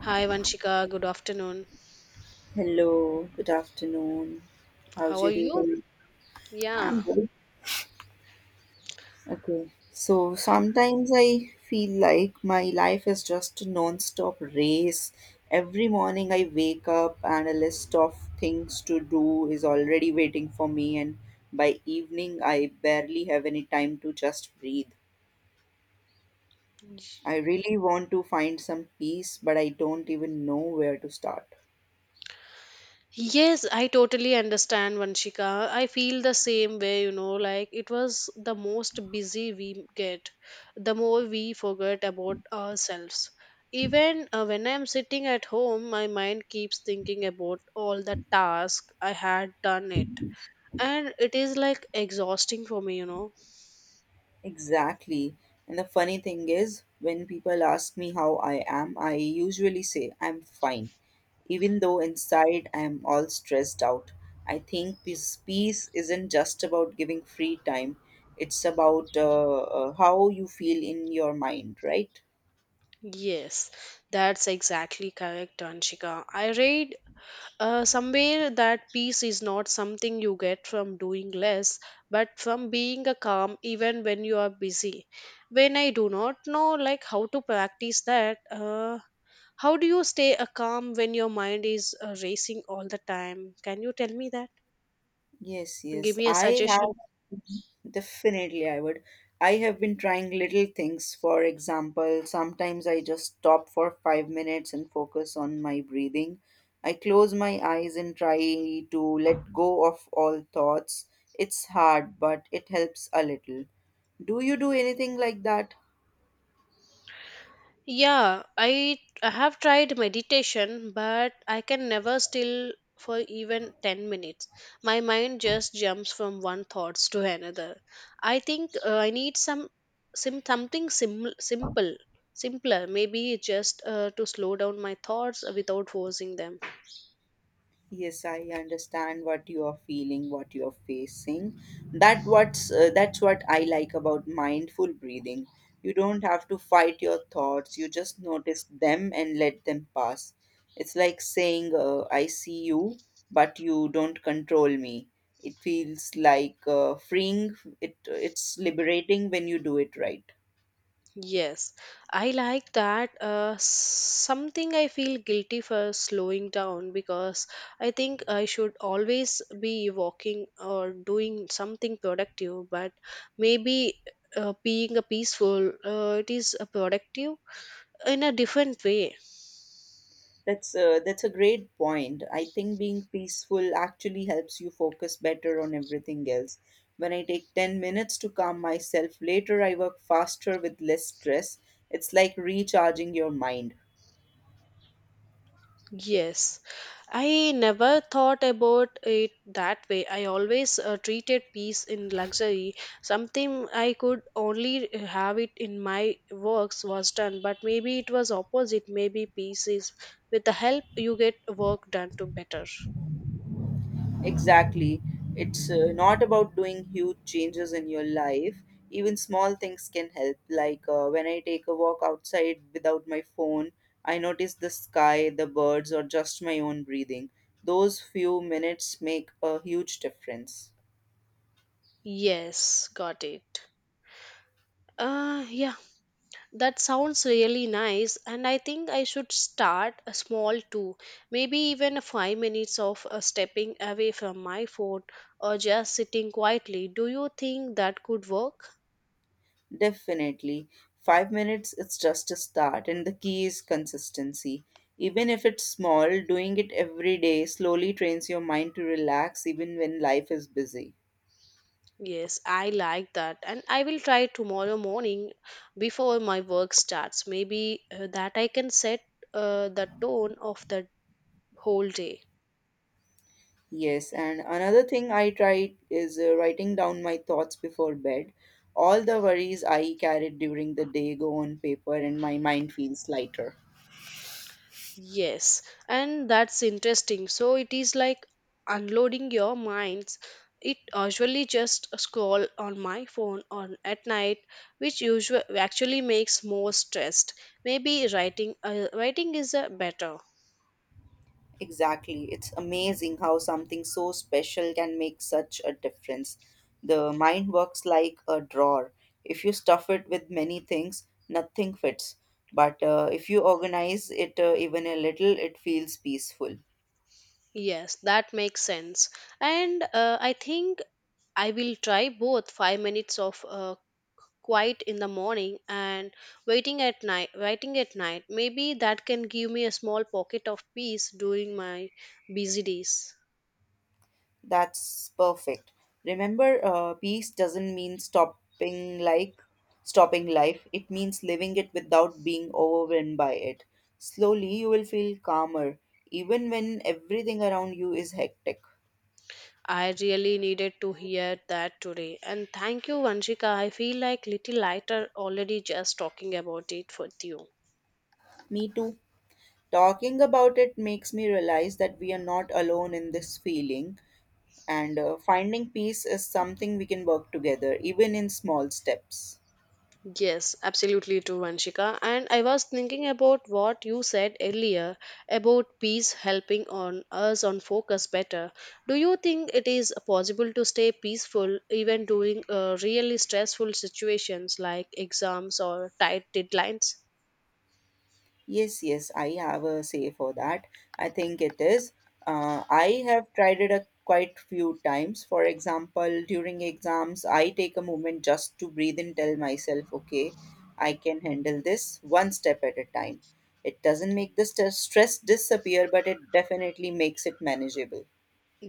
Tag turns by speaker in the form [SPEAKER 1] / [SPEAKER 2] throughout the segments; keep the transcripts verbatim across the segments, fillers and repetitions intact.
[SPEAKER 1] Hi Vanshika, good afternoon.
[SPEAKER 2] Hello, good afternoon. How's
[SPEAKER 1] How are
[SPEAKER 2] your day
[SPEAKER 1] you?
[SPEAKER 2] going? I'm
[SPEAKER 1] Yeah.
[SPEAKER 2] good. Okay. So sometimes I feel like my life is just a non-stop race. Every morning I wake up and a list of things to do is already waiting for me, and by evening I barely have any time to just breathe. I really want to find some peace, but I don't even know where to start.
[SPEAKER 1] Yes, I totally understand Vanshika. I feel the same way, you know, like it was the most busy we get, the more we forget about ourselves. Even uh, when I'm sitting at home, my mind keeps thinking about all the tasks I had done it. And it is like exhausting for me, you know.
[SPEAKER 2] Exactly. And the funny thing is, when people ask me how I am, I usually say I'm fine, even though inside I'm all stressed out. I think peace, peace isn't just about giving free time, it's about uh, uh, how you feel in your mind, right?
[SPEAKER 1] Yes, that's exactly correct, Anshika. I read Uh, somewhere that peace is not something you get from doing less, but from being a calm even when you are busy. When I do not know like how to practice that, uh, how do you stay a calm when your mind is uh, racing all the time? Can you tell me that?
[SPEAKER 2] Yes,
[SPEAKER 1] Give
[SPEAKER 2] yes.
[SPEAKER 1] me a
[SPEAKER 2] I
[SPEAKER 1] suggestion.
[SPEAKER 2] have mm-hmm, definitely I would. I have been trying little things. For example, sometimes I just stop for five minutes and focus on my breathing. I close my eyes and try to let go of all thoughts. It's hard, but it helps a little. Do you do anything like that?
[SPEAKER 1] Yeah, I I have tried meditation, but I can never still for even ten minutes. My mind just jumps from one thoughts to another. I think uh, I need some sim something sim simple, simpler, maybe just uh, to slow down my thoughts without forcing them.
[SPEAKER 2] Yes, I understand what you are feeling, what you are facing. That what's uh, that's what I like about mindful breathing. You don't have to fight your thoughts. You just notice them and let them pass. It's like saying, uh, "I see you, but you don't control me." It feels like uh, freeing. It it's liberating when you do it right.
[SPEAKER 1] Yes, I like that. Uh, something I feel guilty for slowing down because I think I should always be walking or doing something productive, but maybe uh, being a peaceful, uh, it is a productive in a different way.
[SPEAKER 2] That's a, that's a great point. I think being peaceful actually helps you focus better on everything else. When I take ten minutes to calm myself, later I work faster with less stress. It's like recharging your mind.
[SPEAKER 1] Yes, I never thought about it that way. I always uh, treated peace in luxury. Something I could only have it in my works was done, but maybe it was opposite. Maybe peace is with the help you get work done to better.
[SPEAKER 2] Exactly. It's uh, not about doing huge changes in your life. Even small things can help. Like uh, when I take a walk outside without my phone, I notice the sky, the birds, or just my own breathing. Those few minutes make a huge difference.
[SPEAKER 1] Yes, got it. Uh, yeah, That sounds really nice, and I think I should start a small too. Maybe even a five minutes of uh, stepping away from my phone or just sitting quietly. Do you think that could work?
[SPEAKER 2] Definitely. Five minutes is just a start, and the key is consistency. Even if it's small, doing it every day slowly trains your mind to relax even when life is busy.
[SPEAKER 1] Yes, I like that, and I will try tomorrow morning before my work starts. Maybe uh, that I can set uh, the tone of the whole day.
[SPEAKER 2] Yes, and another thing I tried is uh, writing down my thoughts before bed. All the worries I carried during the day go on paper, and my mind feels lighter.
[SPEAKER 1] Yes, and that's interesting. So it is like unloading your minds. It usually just scroll on my phone on at night, which usually actually makes more stressed. Maybe writing uh, writing is uh, better.
[SPEAKER 2] Exactly. It's amazing how something so special can make such a difference. The mind works like a drawer. If you stuff it with many things, nothing fits. But uh, if you organize it uh, even a little, it feels peaceful.
[SPEAKER 1] Yes, that makes sense. And uh, I think I will try both five minutes of uh, quiet in the morning and waiting at night. Waiting at night maybe that can give me a small pocket of peace during my busy days.
[SPEAKER 2] That's perfect. Remember, uh, peace doesn't mean stopping like stopping life. It means living it without being overwhelmed by it. Slowly, you will feel calmer, even when everything around you is hectic.
[SPEAKER 1] I really needed to hear that today, and thank you, Vanshika. I feel like little lighter already just talking about it with you.
[SPEAKER 2] Me too. Talking about it makes me realize that we are not alone in this feeling, and uh, finding peace is something we can work together, even in small steps.
[SPEAKER 1] Yes, absolutely true, Vanshika. And I was thinking about what you said earlier about peace helping on us on focus better. Do you think it is possible to stay peaceful even during uh, really stressful situations like exams or tight deadlines?
[SPEAKER 2] Yes, yes, I have a say for that. I think it is. Uh, I have tried it a quite few times. For example, during exams, I take a moment just to breathe and tell myself, okay, I can handle this one step at a time. It doesn't make the st- stress disappear, but it definitely makes it manageable.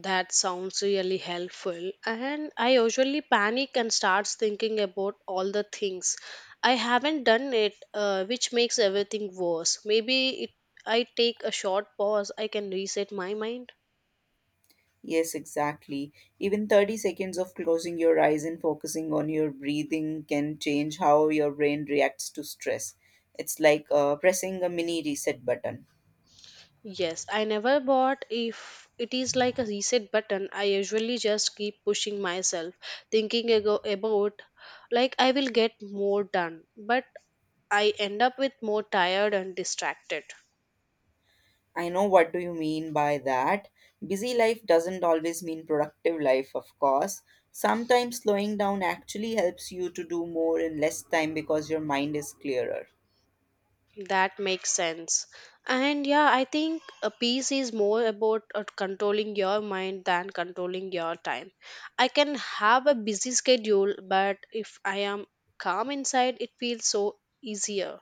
[SPEAKER 1] That sounds really helpful. And I usually panic and starts thinking about all the things I haven't done it, uh, which makes everything worse. Maybe it, I take a short pause, I can reset my mind.
[SPEAKER 2] Yes, exactly. Even thirty seconds of closing your eyes and focusing on your breathing can change how your brain reacts to stress. It's like uh, pressing a mini reset button.
[SPEAKER 1] Yes, I never bought if it is like a reset button. I usually just keep pushing myself, thinking ago about like I will get more done, but I end up with more tired and distracted.
[SPEAKER 2] I know what do you mean by that. Busy life doesn't always mean productive life, of course. Sometimes slowing down actually helps you to do more in less time because your mind is clearer.
[SPEAKER 1] That makes sense. And yeah, I think a peace is more about uh, controlling your mind than controlling your time. I can have a busy schedule, but if I am calm inside, it feels so easier.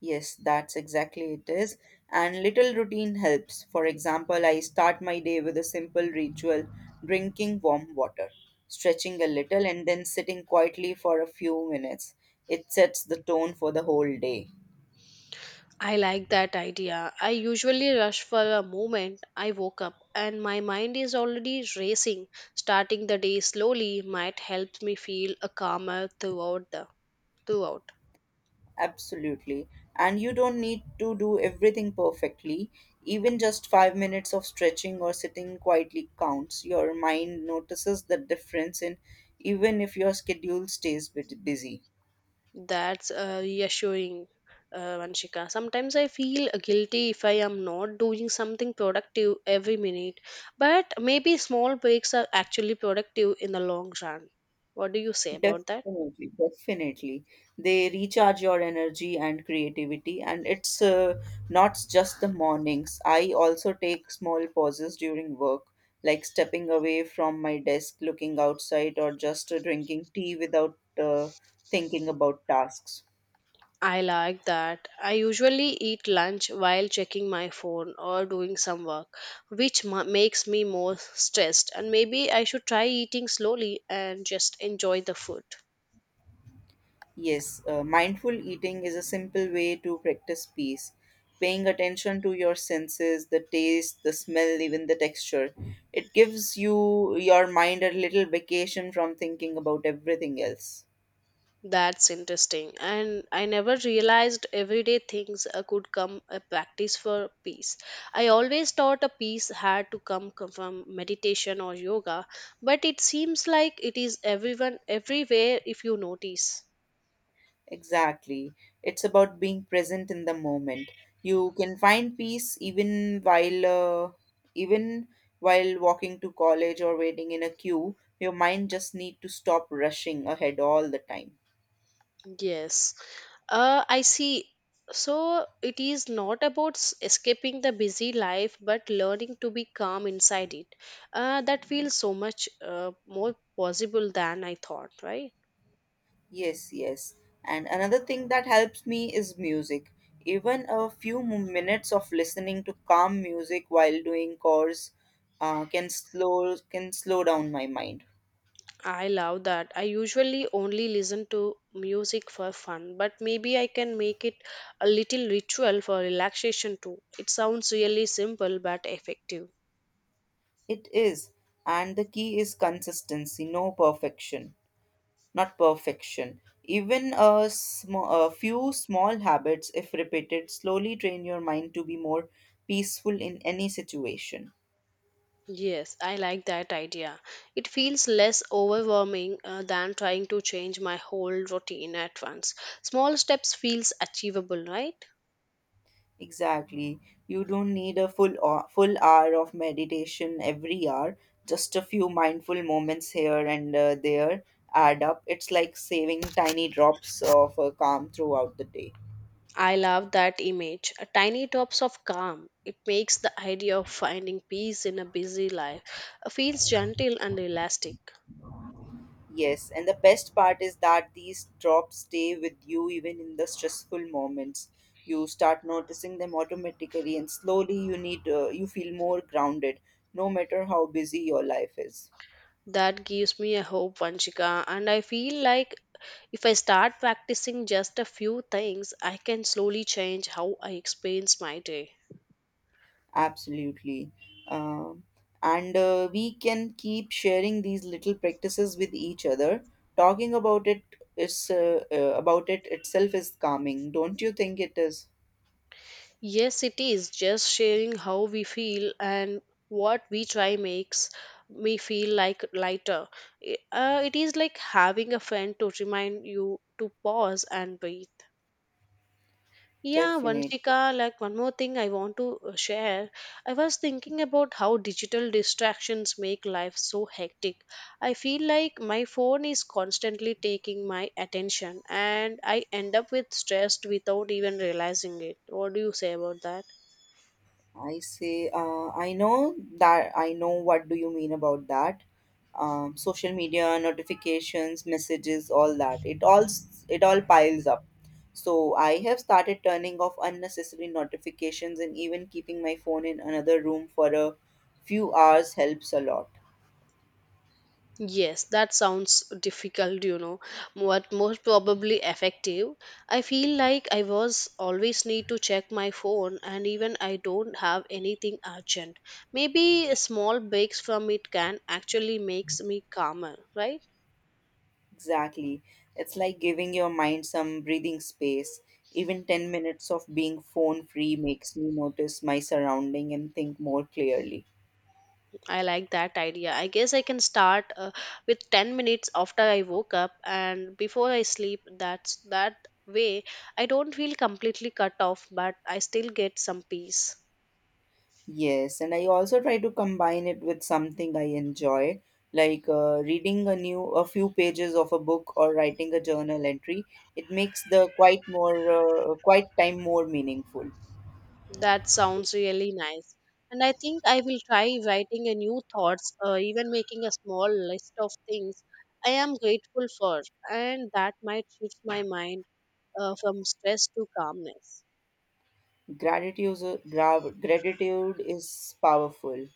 [SPEAKER 2] Yes, that's exactly it is. And little routine helps. For example, I start my day with a simple ritual drinking warm water, stretching a little, and then sitting quietly for a few minutes. It sets the tone for the whole day.
[SPEAKER 1] I like that idea. I usually rush for a moment. I woke up and my mind is already racing. Starting the day slowly might help me feel a calmer throughout the throughout.
[SPEAKER 2] Absolutely. And you don't need to do everything perfectly. Even just five minutes of stretching or sitting quietly counts. Your mind notices the difference in even if your schedule stays bit busy.
[SPEAKER 1] That's uh, reassuring, uh, Vanshika. Sometimes I feel guilty if I am not doing something productive every minute, but maybe small breaks are actually productive in the long run. What do you say about that?
[SPEAKER 2] Definitely, definitely. They recharge your energy and creativity, and it's uh, not just the mornings. I also take small pauses during work, like stepping away from my desk, looking outside, or just uh, drinking tea without uh, thinking about tasks.
[SPEAKER 1] I like that. I usually eat lunch while checking my phone or doing some work, which ma- makes me more stressed. And maybe I should try eating slowly and just enjoy the food.
[SPEAKER 2] Yes, uh, mindful eating is a simple way to practice peace. Paying attention to your senses, the taste, the smell, even the texture. It gives you your mind a little vacation from thinking about everything else.
[SPEAKER 1] That's interesting. And I never realized everyday things uh, could come a practice for peace. I always thought a peace had to come co- from meditation or yoga, but it seems like it is everyone everywhere if you notice.
[SPEAKER 2] Exactly. It's about being present in the moment. You can find peace even while uh, even while walking to college or waiting in a queue. Your mind just need to stop rushing ahead all the time.
[SPEAKER 1] Yes. Uh, I see. So it is not about s- escaping the busy life, but learning to be calm inside it. Uh, that feels so much uh, more possible than I thought, right?
[SPEAKER 2] Yes, yes. And another thing that helps me is music. Even a few mo- minutes of listening to calm music while doing chores uh, can slow can slow down my mind.
[SPEAKER 1] I love that. I usually only listen to music for fun, but maybe I can make it a little ritual for relaxation too. It sounds really simple but effective.
[SPEAKER 2] It is, and the key is consistency, no perfection, not perfection. Even a, sm- a few small habits, if repeated, slowly train your mind to be more peaceful in any situation.
[SPEAKER 1] Yes, I like that idea. It feels less overwhelming uh, than trying to change my whole routine at once. Small steps feels achievable, right?
[SPEAKER 2] Exactly. You don't need a full ho- full hour of meditation every hour. Just a few mindful moments here and uh, there add up. It's like saving tiny drops of uh, calm throughout the day.
[SPEAKER 1] I love that image. A tiny drops of calm. It makes the idea of finding peace in a busy life uh, feels gentle and elastic.
[SPEAKER 2] Yes, and the best part is that these drops stay with you even in the stressful moments. You start noticing them automatically, and slowly you need uh, you feel more grounded, no matter how busy your life is.
[SPEAKER 1] That gives me a hope, Vanshika. And I feel like if I start practicing just a few things, I can slowly change how I experience my day.
[SPEAKER 2] Absolutely. Um, and uh, we can keep sharing these little practices with each other. Talking about it is uh, uh, about it itself is calming, don't you think it is?
[SPEAKER 1] Yes, it is just sharing how we feel and what we try makes me feel like lighter. I- Uh, it is like having a friend to remind you to pause and breathe. Yeah,
[SPEAKER 2] Definitely.
[SPEAKER 1] Vanshika, like one more thing I want to uh, share. I was thinking about how digital distractions make life so hectic. I feel like my phone is constantly taking my attention and I end up with stressed without even realizing it. What do you say about that?
[SPEAKER 2] I say, uh, I know that I know what do you mean about that. Um, social media notifications, messages, all that. It all s- it all piles up. So I have started turning off unnecessary notifications and even keeping my phone in another room for a few hours helps a lot.
[SPEAKER 1] Yes, that sounds difficult, you know, but most probably effective. I feel like I was always need to check my phone, and even I don't have anything urgent. Maybe a small breaks from it can actually makes me calmer, right?
[SPEAKER 2] Exactly. It's like giving your mind some breathing space. Even ten minutes of being phone free makes me notice my surrounding and think more clearly.
[SPEAKER 1] I like that idea. I guess I can start uh, with ten minutes after I woke up and before I sleep. That's that way I don't feel completely cut off, but I still get some peace.
[SPEAKER 2] Yes, and I also try to combine it with something I enjoy, like uh, reading a new a few pages of a book or writing a journal entry. It makes the quite more uh, quite time more meaningful.
[SPEAKER 1] That sounds really nice. And I think I will try writing a new thoughts, uh, even making a small list of things I am grateful for, and that might shift my mind uh, from stress to calmness.
[SPEAKER 2] Gratitude is a- gra- gratitude is powerful.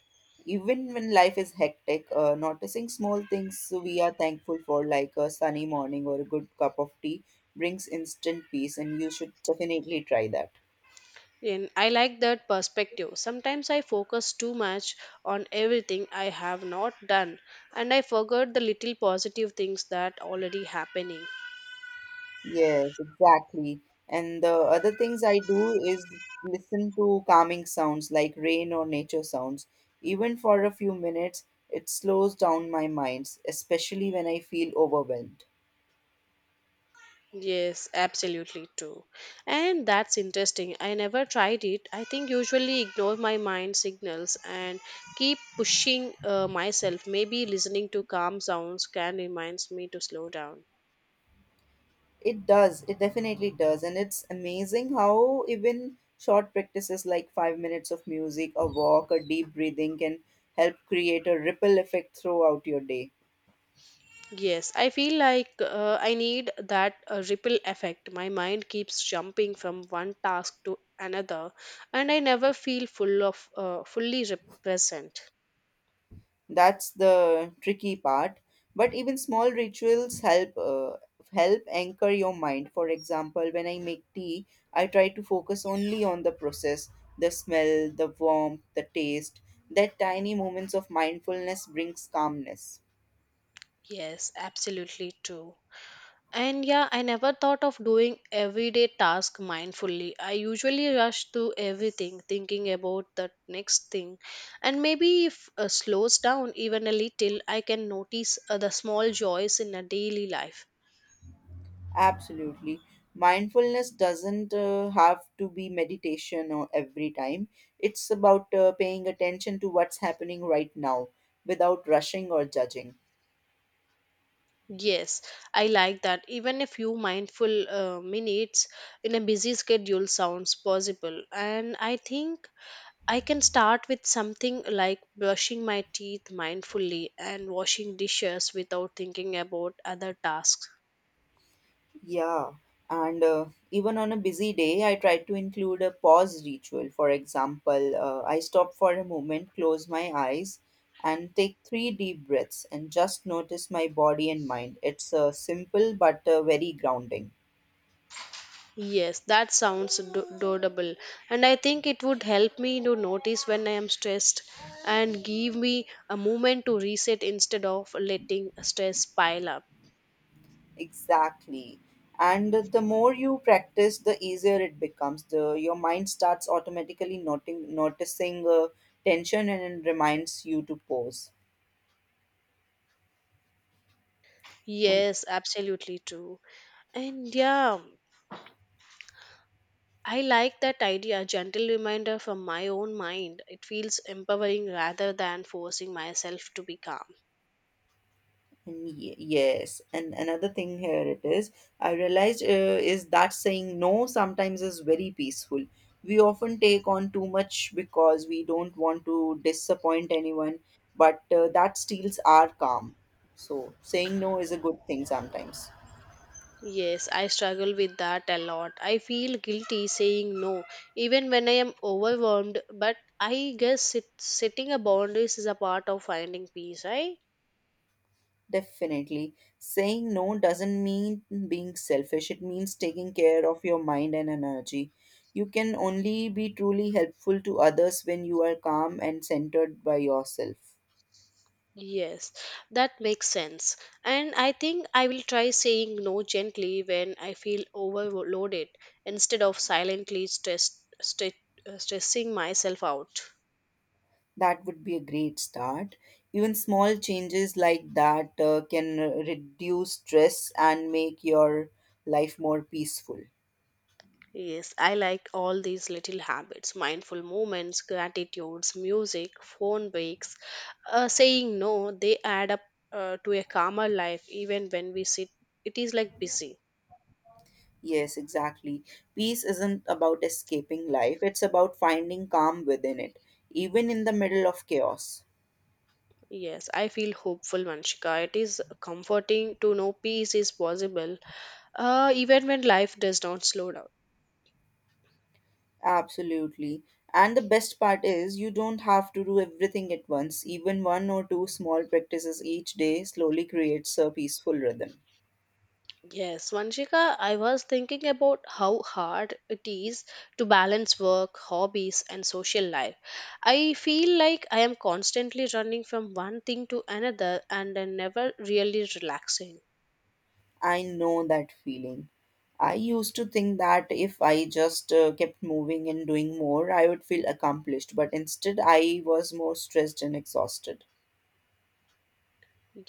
[SPEAKER 2] Even when life is hectic, uh, noticing small things we are thankful for, like a sunny morning or a good cup of tea, brings instant peace, and you should definitely try that.
[SPEAKER 1] And I like that perspective. Sometimes I focus too much on everything I have not done, and I forgot the little positive things that already happening.
[SPEAKER 2] Yes, exactly. And the other things I do is listen to calming sounds like rain or nature sounds. Even for a few minutes, it slows down my mind, especially when I feel overwhelmed.
[SPEAKER 1] Yes, absolutely too. And that's interesting. I never tried it. I think usually ignore my mind signals and keep pushing uh, myself. Maybe listening to calm sounds can reminds me to slow down.
[SPEAKER 2] It does, it definitely does. And it's amazing how even short practices like five minutes of music, a walk, a deep breathing can help create a ripple effect throughout your day.
[SPEAKER 1] Yes, I feel like uh, I need that uh, ripple effect. My mind keeps jumping from one task to another, and I never feel full of uh, fully re- present.
[SPEAKER 2] That's the tricky part. But even small rituals help uh, help anchor your mind. For example, when I make tea, I try to focus only on the process, the smell, the warmth, the taste. That tiny moments of mindfulness brings calmness.
[SPEAKER 1] Yes, absolutely true. And yeah, I never thought of doing everyday task mindfully. I usually rush through everything, thinking about the next thing. And maybe if uh, slows down even a little, I can notice uh, the small joys in a daily life.
[SPEAKER 2] Absolutely. Mindfulness doesn't uh, have to be meditation or every time. It's about uh, paying attention to what's happening right now without rushing or judging.
[SPEAKER 1] Yes, I like that. Even a few mindful uh, minutes in a busy schedule sounds possible. And I think I can start with something like brushing my teeth mindfully and washing dishes without thinking about other tasks.
[SPEAKER 2] Yeah, and uh, even on a busy day, I try to include a pause ritual. For example, uh, I stop for a moment, close my eyes, and take three deep breaths and just notice my body and mind. It's uh, simple but uh, very grounding.
[SPEAKER 1] Yes, that sounds do- doable. And I think it would help me to notice when I am stressed and give me a moment to reset instead of letting stress pile up.
[SPEAKER 2] Exactly. And the more you practice, the easier it becomes. The your mind starts automatically noting, noticing uh, tension and reminds you to pause. And
[SPEAKER 1] Yes, absolutely true. And yeah, I like that idea, gentle reminder from my own mind. It feels empowering rather than forcing myself to be calm.
[SPEAKER 2] Ye- Yes, and another thing here it is, I realized uh, is that saying no sometimes is very peaceful. We often take on too much because we don't want to disappoint anyone, but uh, that steals our calm. So, saying no is a good thing sometimes.
[SPEAKER 1] Yes, I struggle with that a lot. I feel guilty saying no, even when I am overwhelmed, but I guess it, setting a boundaries is a part of finding peace, right?
[SPEAKER 2] Definitely. Saying no doesn't mean being selfish, it means taking care of your mind and energy. You can only be truly helpful to others when you are calm and centered by yourself.
[SPEAKER 1] Yes, that makes sense. And I think I will try saying no gently when I feel overloaded instead of silently stress, stress, stressing myself out.
[SPEAKER 2] That would be a great start. Even small changes like that uh, can reduce stress and make your life more peaceful.
[SPEAKER 1] Yes, I like all these little habits mindful moments, gratitudes, music, phone breaks. Uh, saying no, they add up uh, to a calmer life even when we sit. It is like busy.
[SPEAKER 2] Yes, exactly. Peace isn't about escaping life, it's about finding calm within it, even in the middle of chaos.
[SPEAKER 1] Yes, I feel hopeful, Manshika. It is comforting to know peace is possible uh, even when life does not slow down.
[SPEAKER 2] Absolutely. And the best part is, you don't have to do everything at once. Even one or two small practices each day slowly creates a peaceful rhythm.
[SPEAKER 1] Yes, Vanshika, I was thinking about how hard it is to balance work, hobbies, and social life. I feel like I am constantly running from one thing to another and I'm never really relaxing.
[SPEAKER 2] I know that feeling. I used to think that if I just uh, kept moving and doing more, I would feel accomplished, but instead I was more stressed and exhausted.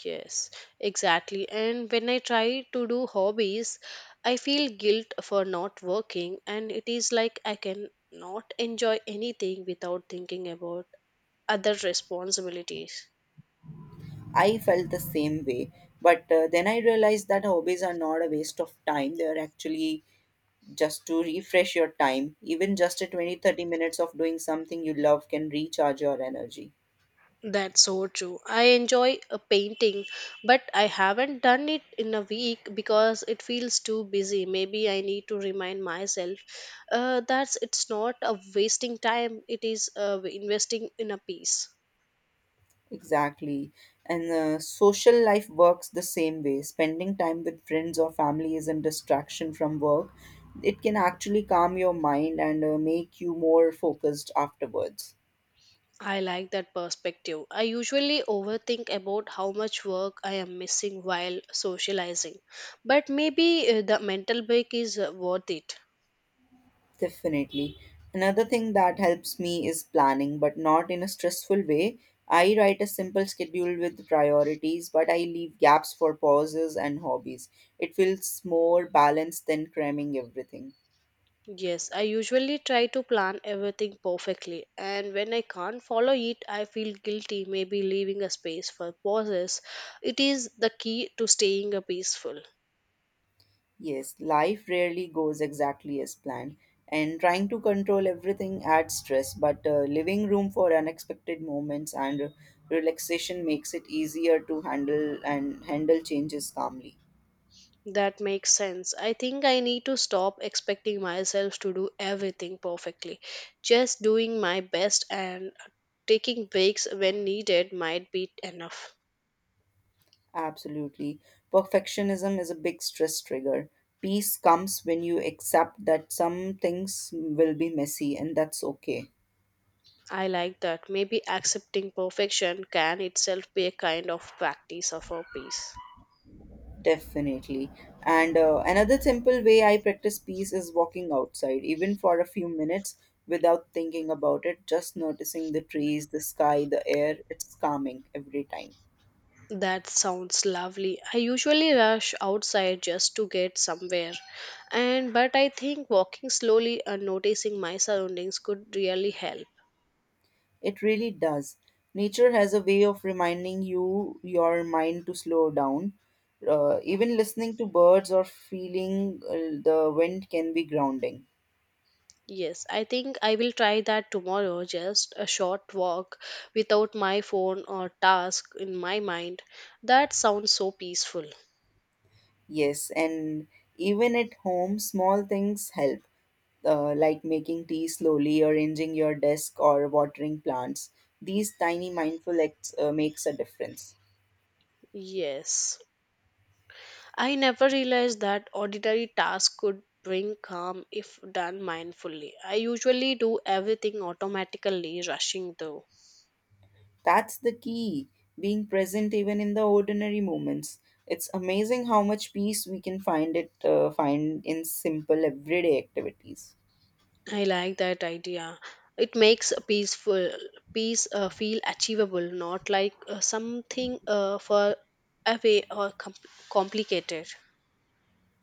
[SPEAKER 1] Yes, exactly. And when I try to do hobbies, I feel guilt for not working, and it is like I can not enjoy anything without thinking about other responsibilities.
[SPEAKER 2] I felt the same way, but uh, then I realized that hobbies are not a waste of time. They are actually just to refresh your time. Even just a twenty, thirty minutes of doing something you love can recharge your energy.
[SPEAKER 1] That's so true. I enjoy a painting, but I haven't done it in a week because it feels too busy. Maybe I need to remind myself uh, that it's not a wasting time, it is uh, investing in a piece.
[SPEAKER 2] Exactly. And uh, social life works the same way. Spending time with friends or family isn't distraction from work. It can actually calm your mind and uh, make you more focused afterwards.
[SPEAKER 1] I like that perspective. I usually overthink about how much work I am missing while socializing, but maybe uh, the mental break is uh, worth it.
[SPEAKER 2] Definitely. Another thing that helps me is planning, but not in a stressful way. I write a simple schedule with priorities, but I leave gaps for pauses and hobbies. It feels more balanced than cramming everything.
[SPEAKER 1] Yes, I usually try to plan everything perfectly, and when I can't follow it, I feel guilty, maybe leaving a space for pauses. It is the key to staying a peaceful.
[SPEAKER 2] Yes, life rarely goes exactly as planned, and trying to control everything adds stress, but uh, leaving room for unexpected moments and uh, relaxation makes it easier to handle and handle changes calmly.
[SPEAKER 1] That makes sense. I think I need to stop expecting myself to do everything perfectly. Just doing my best and taking breaks when needed might be enough.
[SPEAKER 2] Absolutely. Perfectionism is a big stress trigger. Peace comes when you accept that some things will be messy, and that's okay.
[SPEAKER 1] I like that. Maybe accepting perfection can itself be a kind of practice of our peace.
[SPEAKER 2] Definitely. And uh, another simple way I practice peace is walking outside, even for a few minutes without thinking about it, just noticing the trees, the sky, the air. It's calming every time.
[SPEAKER 1] That sounds lovely. I usually rush outside just to get somewhere. And but I think walking slowly and noticing my surroundings could really help.
[SPEAKER 2] It really does. Nature has a way of reminding you, your mind to slow down. Uh, even listening to birds or feeling uh, the wind can be grounding.
[SPEAKER 1] Yes, I think I will try that tomorrow, just a short walk without my phone or task in my mind. That sounds so peaceful.
[SPEAKER 2] Yes, and even at home, small things help uh, like making tea slowly, arranging your desk, or watering plants. These tiny mindful acts uh, makes a difference.
[SPEAKER 1] Yes. I never realized that ordinary tasks could bring calm if done mindfully. I usually do everything automatically, rushing though.
[SPEAKER 2] That's the key, being present even in the ordinary moments. It's amazing how much peace we can find it uh, find in simple everyday activities.
[SPEAKER 1] I like that idea. It makes a peaceful peace uh, feel achievable, not like uh, something uh, for away or com- complicated.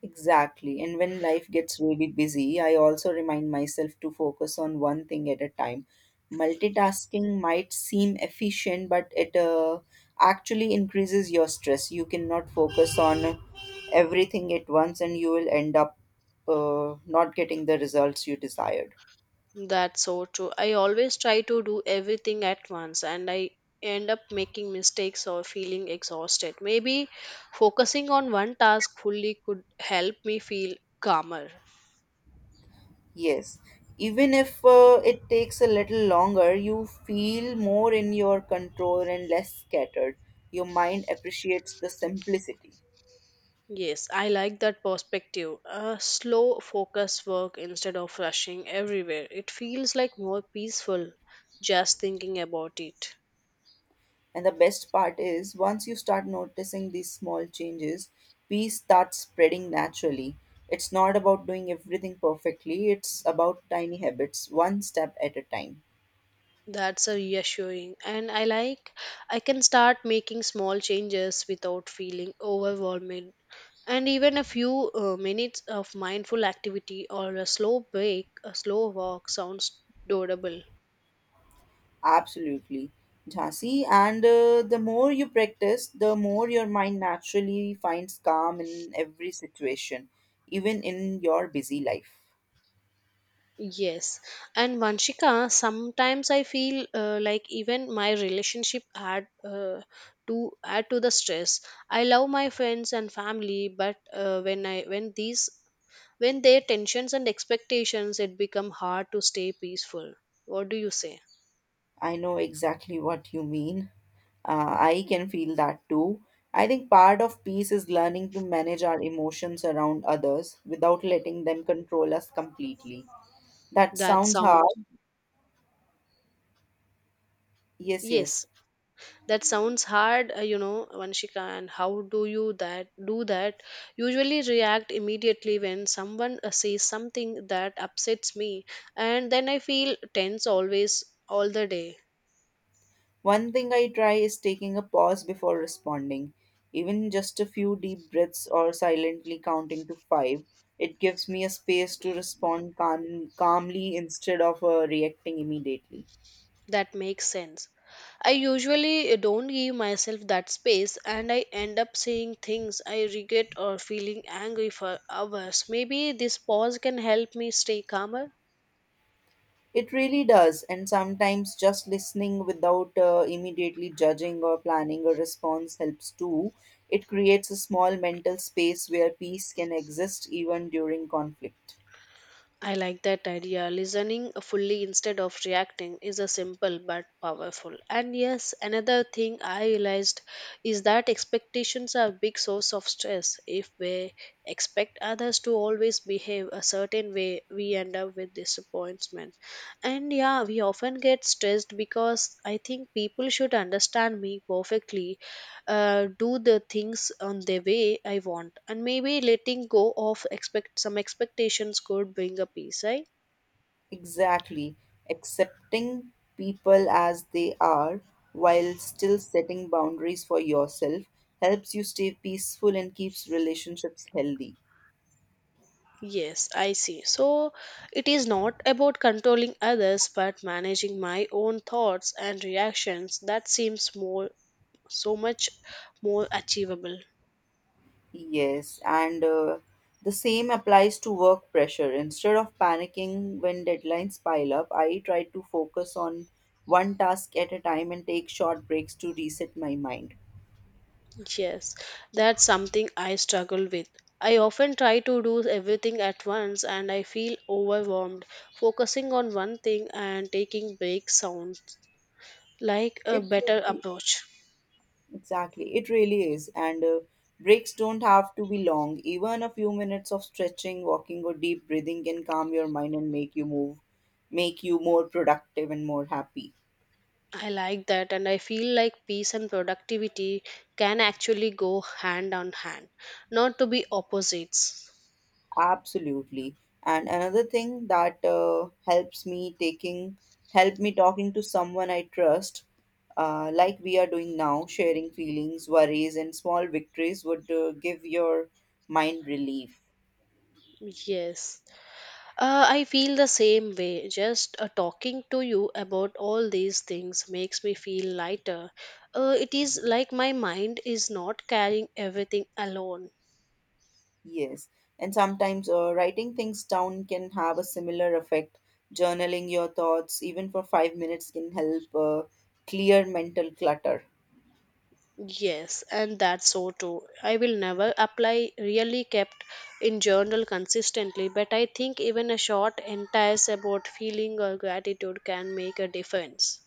[SPEAKER 2] Exactly. And when life gets really busy, I also remind myself to focus on one thing at a time. Multitasking might seem efficient, but it uh, actually increases your stress. You cannot focus on everything at once, and you will end up uh, not getting the results you desired.
[SPEAKER 1] That's so true. I always try to do everything at once, and I end up making mistakes or feeling exhausted. Maybe focusing on one task fully could help me feel calmer.
[SPEAKER 2] Yes. Even if uh, it takes a little longer, you feel more in your control and less scattered. Your mind appreciates the simplicity.
[SPEAKER 1] Yes, I like that perspective. A slow, focused work instead of rushing everywhere. It feels like more peaceful just thinking about it.
[SPEAKER 2] And the best part is, once you start noticing these small changes, peace starts spreading naturally. It's not about doing everything perfectly, it's about tiny habits, one step at a time.
[SPEAKER 1] That's a reassuring. And I like I can start making small changes without feeling overwhelmed. And even a few uh, minutes of mindful activity or a slow break, a slow walk sounds doable.
[SPEAKER 2] Absolutely. Jhansi, and uh, the more you practice, the more your mind naturally finds calm in every situation, even in your busy life.
[SPEAKER 1] Yes. And Vanshika, sometimes I feel uh, like even my relationship add uh, to add to the stress. I love my friends and family, but uh, when I when these when their tensions and expectations, it become hard to stay peaceful. What do you say?
[SPEAKER 2] I know exactly what you mean. Uh, I can feel that too. I think part of peace is learning to manage our emotions around others without letting them control us completely. That
[SPEAKER 1] That
[SPEAKER 2] sounds
[SPEAKER 1] sounds
[SPEAKER 2] hard. Yes,
[SPEAKER 1] yes.
[SPEAKER 2] yes.
[SPEAKER 1] That sounds hard, uh, you know, Vanshika. And how do you that do that? Usually react immediately when someone uh, says something that upsets me, and then I feel tense always all the day.
[SPEAKER 2] One thing I try is taking a pause before responding. Even just a few deep breaths or silently counting to five, it gives me a space to respond calm- calmly instead of uh, reacting immediately.
[SPEAKER 1] That makes sense. I usually uh, don't give myself that space, and I end up saying things I regret or feeling angry for hours. Maybe this pause can help me stay calmer.
[SPEAKER 2] It really does, and sometimes just listening without uh, immediately judging or planning a response helps too. It creates a small mental space where peace can exist even during conflict.
[SPEAKER 1] I like that idea. Listening fully instead of reacting is a simple but powerful. And yes, another thing I realized is that expectations are a big source of stress. If we expect others to always behave a certain way, we end up with disappointment. And yeah, we often get stressed because I think people should understand me perfectly, uh, do the things on the way I want, and maybe letting go of expect some expectations could bring a peace. I
[SPEAKER 2] Exactly. Accepting people as they are while still setting boundaries for yourself helps you stay peaceful and keeps relationships healthy.
[SPEAKER 1] yes, I see. So it is not about controlling others, but managing my own thoughts and reactions. That seems more so much more achievable.
[SPEAKER 2] Yes, and uh, the same applies to work pressure. Instead of panicking when deadlines pile up, I try to focus on one task at a time and take short breaks to reset my mind.
[SPEAKER 1] Yes, that's something I struggle with. I often try to do everything at once and I feel overwhelmed. Focusing on one thing and taking breaks sound like a
[SPEAKER 2] It
[SPEAKER 1] better
[SPEAKER 2] really,
[SPEAKER 1] approach.
[SPEAKER 2] exactly, it really is. And uh, breaks don't have to be long. Even a few minutes of stretching, walking, or deep breathing can calm your mind and make you move, make you more productive and more happy.
[SPEAKER 1] I like that, and I feel like peace and productivity can actually go hand on hand, not to be opposites.
[SPEAKER 2] Absolutely. And another thing that uh, helps me taking help me talking to someone I trust, uh, like we are doing now, sharing feelings, worries, and small victories would uh, give your mind relief.
[SPEAKER 1] Yes, uh, I feel the same way. Just uh, talking to you about all these things makes me feel lighter. Uh, it is like my mind is not carrying everything alone.
[SPEAKER 2] Yes. And sometimes uh, writing things down can have a similar effect. Journaling your thoughts, even for five minutes, can help uh, clear mental clutter.
[SPEAKER 1] Yes, and that's so too. I will never apply really kept in journal consistently, but I think even a short entries about feeling or gratitude can make a difference.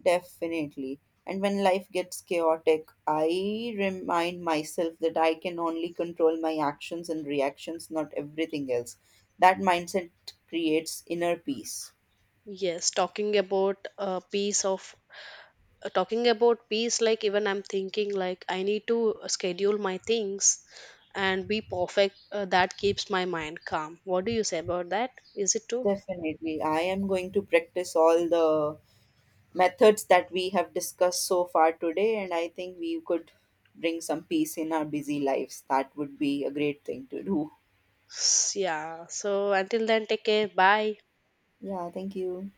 [SPEAKER 2] Definitely. And when life gets chaotic, I remind myself that I can only control my actions and reactions, not everything else. That mindset creates inner peace.
[SPEAKER 1] Yes, talking about a piece of uh, talking about peace, like even I'm thinking like I need to schedule my things and be perfect. Uh, that keeps my mind calm. What do you say about that? Is it true?
[SPEAKER 2] Definitely. I am going to practice all the methods that we have discussed so far today, and I think we could bring some peace in our busy lives. That would be a great thing to do.
[SPEAKER 1] S- Yeah. So until then, take care. Bye.
[SPEAKER 2] Yeah, thank you.